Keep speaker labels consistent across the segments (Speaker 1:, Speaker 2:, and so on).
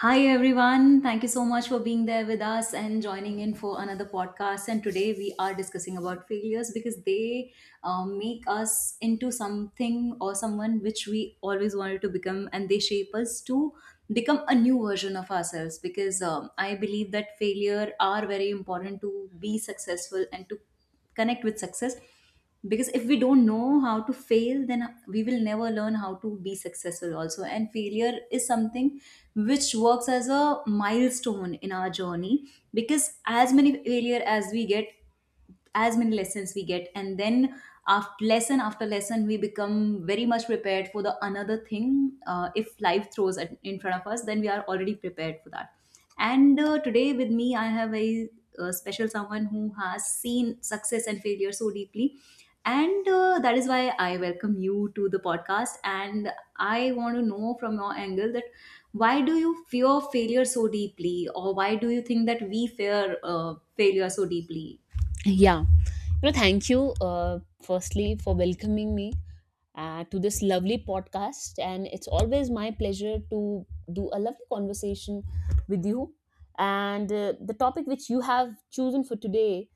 Speaker 1: Hi everyone, thank you so much for being there with us and joining in for another podcast. And today we are discussing about failures because they make us into something or someone which we always wanted to become, and they shape us to become a new version of ourselves. Because I believe that failure are very important to be successful and to connect with success because if we don't know how to fail then we will never learn how to be successful also, and failure is something which works as a milestone in our journey because as many failure as we get, as many lessons we get, and then after lesson we become very much prepared for the another thing if life throws at, in front of us, then we are already prepared for that. And today with me, I have a, special someone who has seen success and failure so deeply. And that is why I welcome you to the podcast. And I want to know from your angle that why do you fear failure so deeply, or why do you think that we fear failure so deeply?
Speaker 2: Yeah, you know, thank you firstly for welcoming me to this lovely podcast, and it's always my pleasure to do a lovely conversation with you. And the topic which you have chosen for today,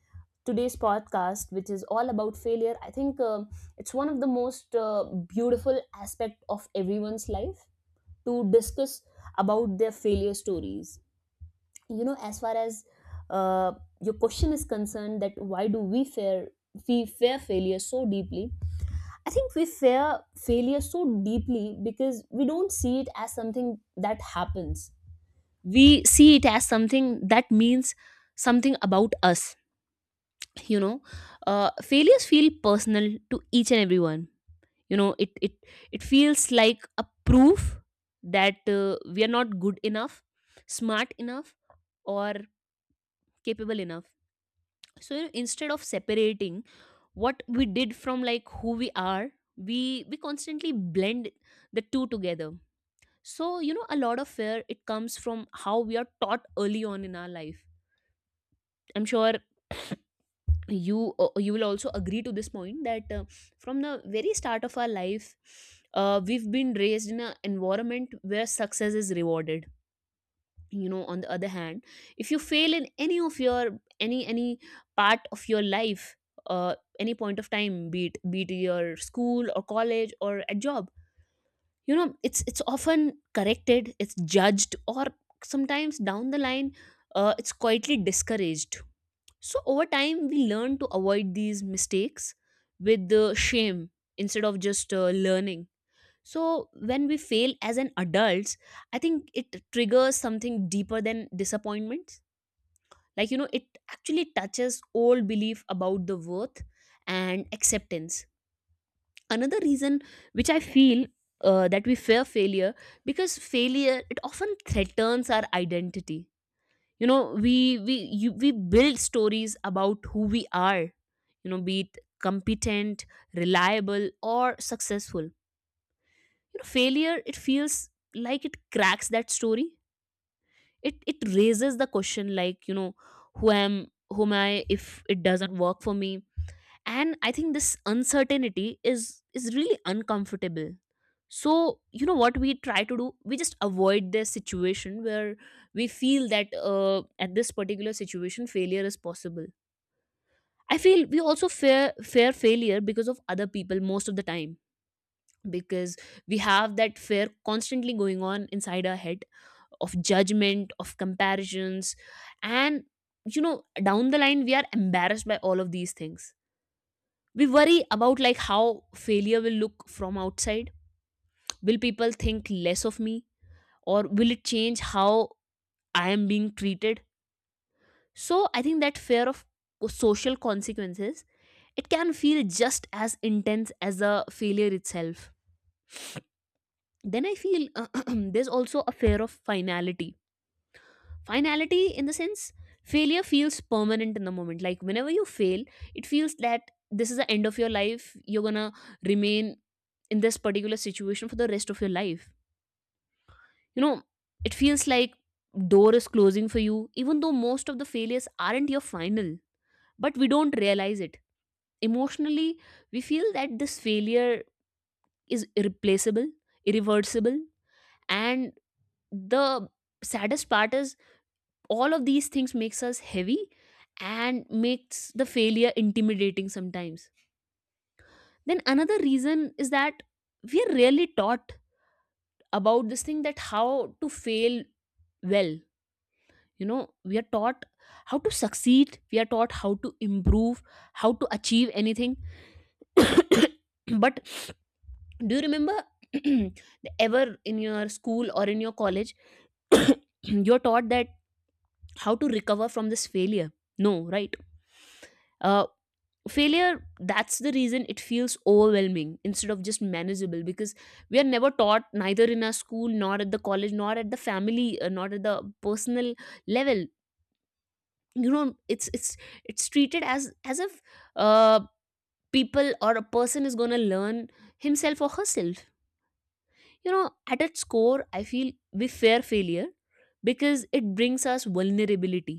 Speaker 2: today's podcast, which is all about failure, I think it's one of the most beautiful aspect of everyone's life to discuss about their failure stories. You know, as far as uh, your question is concerned, that why do we fear failure so deeply, I think we fear failure so deeply because we don't see it as something that happens. We see it as something that means something about us, you know. Failures feel personal to each and everyone. You know, it feels like a proof that we are not good enough, smart enough, or capable enough. So, you know, instead of separating what we did from like who we are, we constantly blend the two together. So, you know, a lot of fear, it comes from how we are taught early on in our life. I'm sure you, you will also agree to this point that from the very start of our life, we've been raised in an environment where success is rewarded. You know, on the other hand, if you fail in any of your any part of your life, uh, any point of time, be it your school or college or a job, you know, it's often corrected, it's judged, or sometimes down the line, it's quietly discouraged. So over time we learn to avoid these mistakes with the shame, instead of just learning. So when we fail as an adults, I think it triggers something deeper than disappointments. Like, you know, it actually touches old belief about the worth and acceptance. Another reason which I feel, that we fear failure, because failure, it often threatens our identity. You know, we build stories about who we are, you know, be it competent, reliable, or successful. Failure, it feels like it cracks that story. It raises the question, like, you know, who am whom I if it doesn't work for me. And I think this uncertainty is really uncomfortable. So, you know what, we try to do, we just avoid this situation where we feel that, at this particular situation, failure is possible. I feel we also fear failure because of other people most of the time, because we have that fear constantly going on inside our head, of judgment, of comparisons. And, you know, down the line, we are embarrassed by all of these things. We worry about like how failure will look from outside. Will people think less of me, or will it change how I am being treated? So I think that fear of social consequences, it can feel just as intense as the failure itself. Then I feel there's also a fear of finality. Finality in the sense, failure feels permanent in the moment. Like whenever you fail, it feels that this is the end of your life, you're gonna remain in this particular situation for the rest of your life. You know, it feels like door is closing for you, even though most of the failures aren't your final, but we don't realize it emotionally. We feel that this failure is irreplaceable, irreversible, and the saddest part is all of these things makes us heavy and makes the failure intimidating sometimes. Then another reason is that we are rarely taught about this thing, that how to fail well. You know, we are taught how to succeed, we are taught how to improve, how to achieve anything, but do you remember ever in your school or in your college, you're taught that how to recover from this failure? No, right? Uh, failure, that's the reason it feels overwhelming instead of just manageable, because we are never taught, neither in our school, nor at the college, nor at the family, nor at the personal level. You know, it's treated as if, uh, people or a person is going to learn himself or herself. You know, at its core, I feel we fear failure because it brings us vulnerability.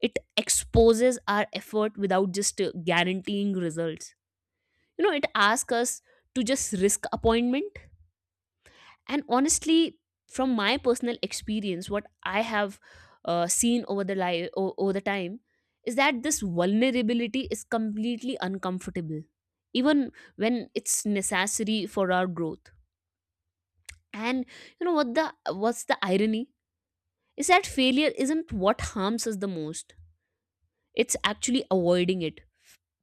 Speaker 2: It exposes our effort without just guaranteeing results. You know, it asks us to just risk appointment. And honestly, from my personal experience, what I have seen over the over the time is that this vulnerability is completely uncomfortable, even when it's necessary for our growth. And you know what, the what's the irony is that failure isn't what harms us the most. It's actually avoiding it.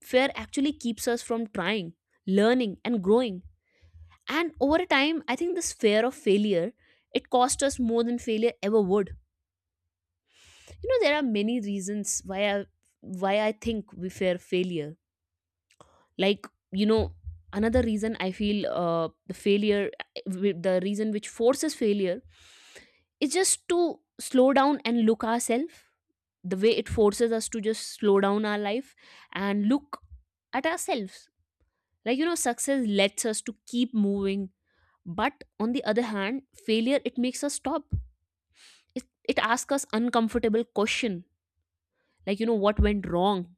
Speaker 2: Fear actually keeps us from trying, learning, and growing. And over a time, I think this fear of failure, it cost us more than failure ever would. You know, there are many reasons why I think we fear failure. Like, you know, another reason I feel, the failure, the reason which forces failure is just to slow down and look ourselves, the way it forces us to just slow down our life and look at ourselves. Like, you know, success lets us to keep moving, but on the other hand, failure, it makes us stop. It asks us uncomfortable question, like, you know, what went wrong,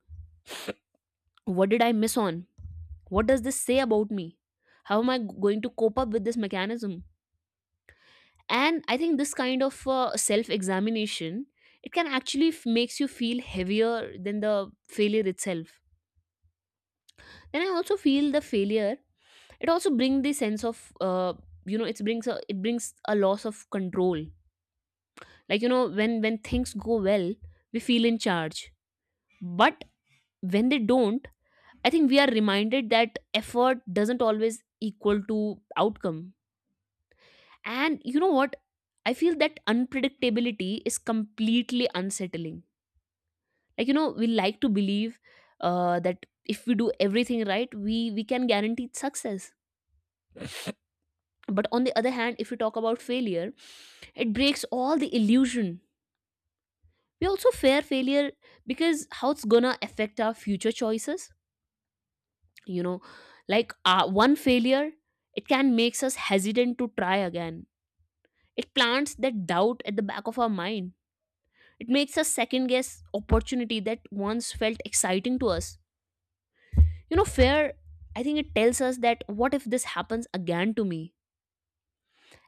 Speaker 2: what did I miss on, what does this say about me, how am I going to cope up with this mechanism? And I think this kind of self examination, it can actually makes you feel heavier than the failure itself. Then I also feel the failure, it also brings the sense of, you know, it brings a loss of control. Like, you know, when things go well, we feel in charge, but when they don't, I think we are reminded that effort doesn't always equal to outcome. And you know what, I feel that unpredictability is completely unsettling. Like, you know, we like to believe that if we do everything right, we can guarantee success. But on the other hand, if we talk about failure, it breaks all the illusion. We also fear failure because how it's gonna affect our future choices. You know, like, one failure, it can makes us hesitant to try again. It plants that doubt at the back of our mind. It makes us second guess opportunity that once felt exciting to us. You know, fear, I think it tells us that what if this happens again to me.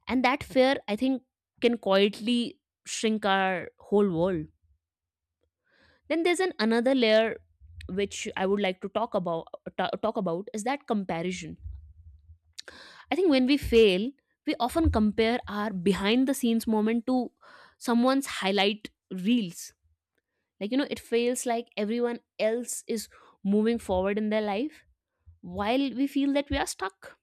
Speaker 2: And that fear, I think, can quietly shrink our whole world. Then there's an another layer which I would like to talk about, talk about, is that comparison. I think when we fail, we often compare our behind the scenes moment to someone's highlight reels. Like, you know, it feels like everyone else is moving forward in their life while we feel that we are stuck.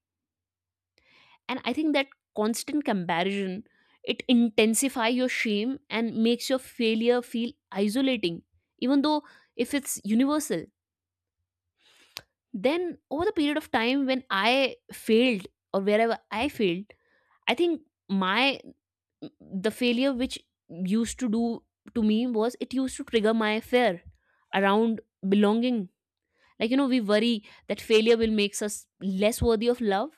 Speaker 2: And I think that constant comparison, it intensify your shame and makes your failure feel isolating, even though if it's universal. Then over the period of time, when I failed or wherever I failed, I think my, the failure which used to do to me was, it used to trigger my fear around belonging. Like, you know, we worry that failure will makes us less worthy of love,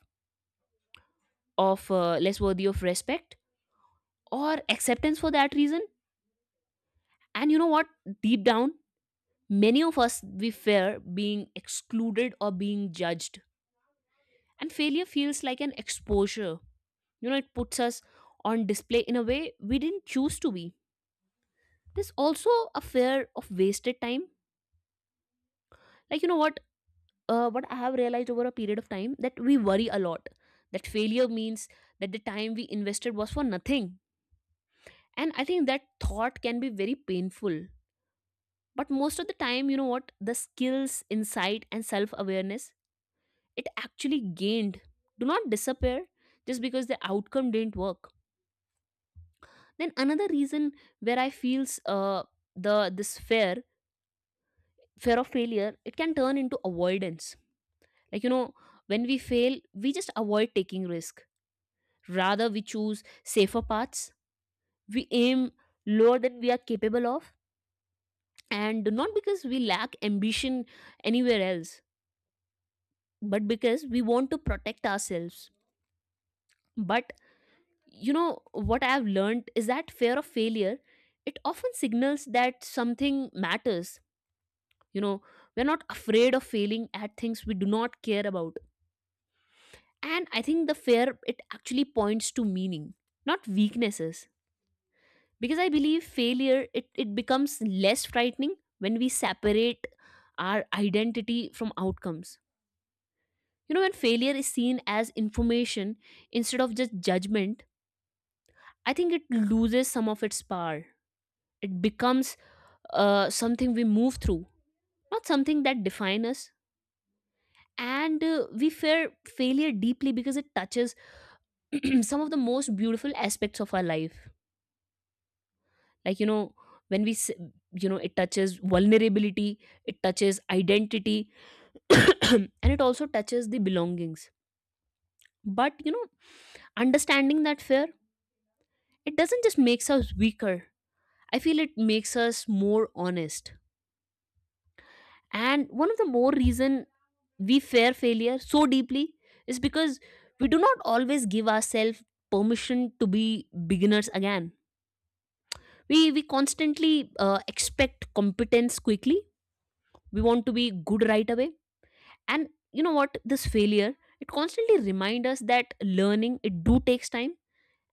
Speaker 2: of less worthy of respect or acceptance for that reason. And you know what, deep down, many of us, we fear being excluded or being judged. And failure feels like an exposure. You know, it puts us on display in a way we didn't choose to be. There's also a fear of wasted time. Like, you know what, what I have realized over a period of time, that we worry a lot that failure means that the time we invested was for nothing. And I think that thought can be very painful. But most of the time, you know what, the skills, insight, and self awareness it actually gained do not disappear just because the outcome didn't work. Then another reason where I feels, the this fear of failure, it can turn into avoidance. Like, you know, when we fail, we just avoid taking risk. Rather, we choose safer paths, we aim lower than we are capable of, and not because we lack ambition anywhere else, but because we want to protect ourselves. But you know, what I have learned is that fear of failure, it often signals that something matters. You know, we're not afraid of failing at things we do not care about. And I think the fear, it actually points to meaning, not weaknesses. Because I believe failure it becomes less frightening when we separate our identity from outcomes. You know, when failure is seen as information instead of just judgment, I think it loses some of its power. It becomes something we move through, not something that defines us. And we fear failure deeply because it touches some of the most beautiful aspects of our life. Like, you know, when we s- you know, it touches vulnerability, it touches identity, and it also touches the belongings. But you know, understanding that fear, it doesn't just makes us weaker. I feel it makes us more honest. And one of the more reason we fear failure so deeply is because we do not always give ourselves permission to be beginners again. We constantly expect competence quickly. We want to be good right away. And you know what, this failure, it constantly reminds us that learning it do takes time.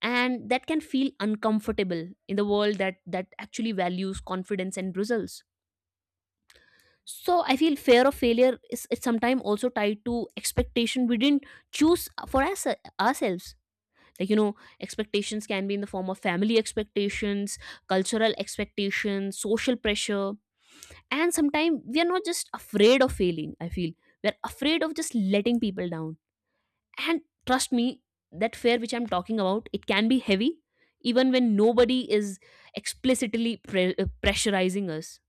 Speaker 2: And that can feel uncomfortable in the world that actually values confidence and results. So I feel fear of failure is sometimes also tied to expectation we didn't choose for us, ourselves. Like, you know, expectations can be in the form of family expectations, cultural expectations, social pressure. And sometimes we are not just afraid of failing, I feel we're afraid of just letting people down. And trust me, that fear which I'm talking about, it can be heavy even when nobody is pressurizing us.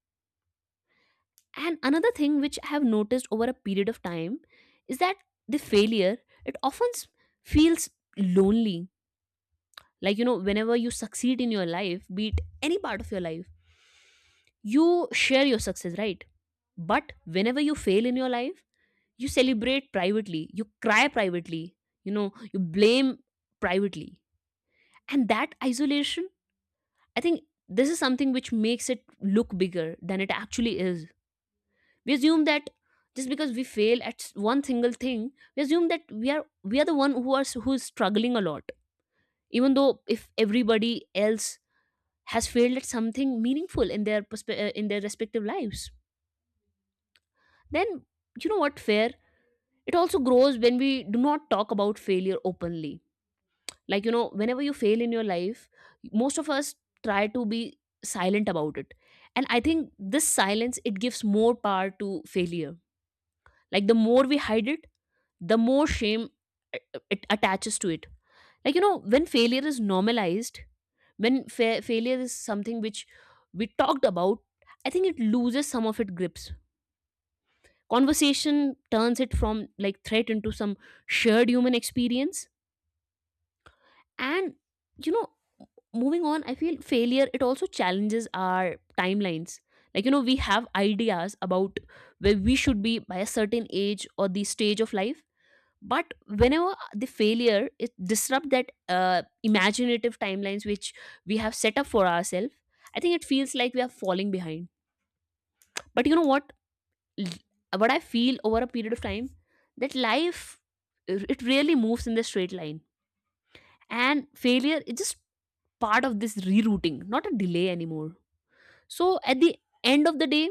Speaker 2: And another thing which I have noticed over a period of time is that the failure, it often s- feels lonely. Like, you know, whenever you succeed in your life, be it any part of your life, you share your success, right? But whenever you fail in your life, you celebrate privately, you cry privately, you know, you blame privately. And that isolation, I think, this is something which makes it look bigger than it actually is. We assume that just because we fail at one single thing, we assume that we are the one who are who is struggling a lot, even though if everybody else has failed at something meaningful in their in their respective lives. Then, you know what, fair, it also grows when we do not talk about failure openly. Like, you know, whenever you fail in your life, most of us try to be silent about it. And I think this silence, it gives more power to failure. Like, the more we hide it, the more shame it attaches to it. Like, you know, when failure is normalized, when failure is something which we talked about, I think it loses some of its grips. Conversation turns it from like threat into some shared human experience. And you know, moving on, I feel failure, it also challenges our timelines. Like you know, we have ideas about where we should be by a certain age or the stage of life, but whenever the failure, it disrupt that imaginative timelines which we have set up for ourselves, I think it feels like we are falling behind. But you know what? L- What I feel over a period of time, that life, it really moves in the straight line, and failure, it just part of this rerouting, not a delay anymore. So at the end of the day,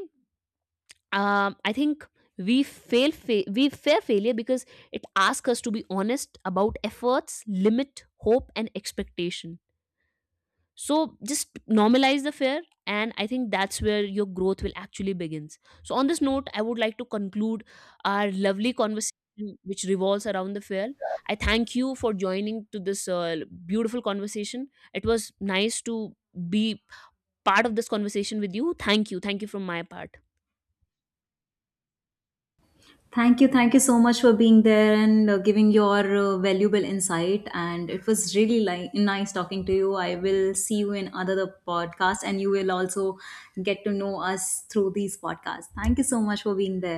Speaker 2: I think we fear failure because it asks us to be honest about efforts, limit, hope, and expectation. So just normalize the fear, and I think that's where your growth will actually begins. So on this note, I would like to conclude our lovely conversation, which revolves around the fear. I thank you for joining to this beautiful conversation. It was nice to be part of this conversation with you. Thank you. Thank you from my part.
Speaker 1: Thank you. Thank you so much for being there and giving your valuable insight. And it was really nice talking to you. I will see you in other podcasts, and you will also get to know us through these podcasts. Thank you so much for being there.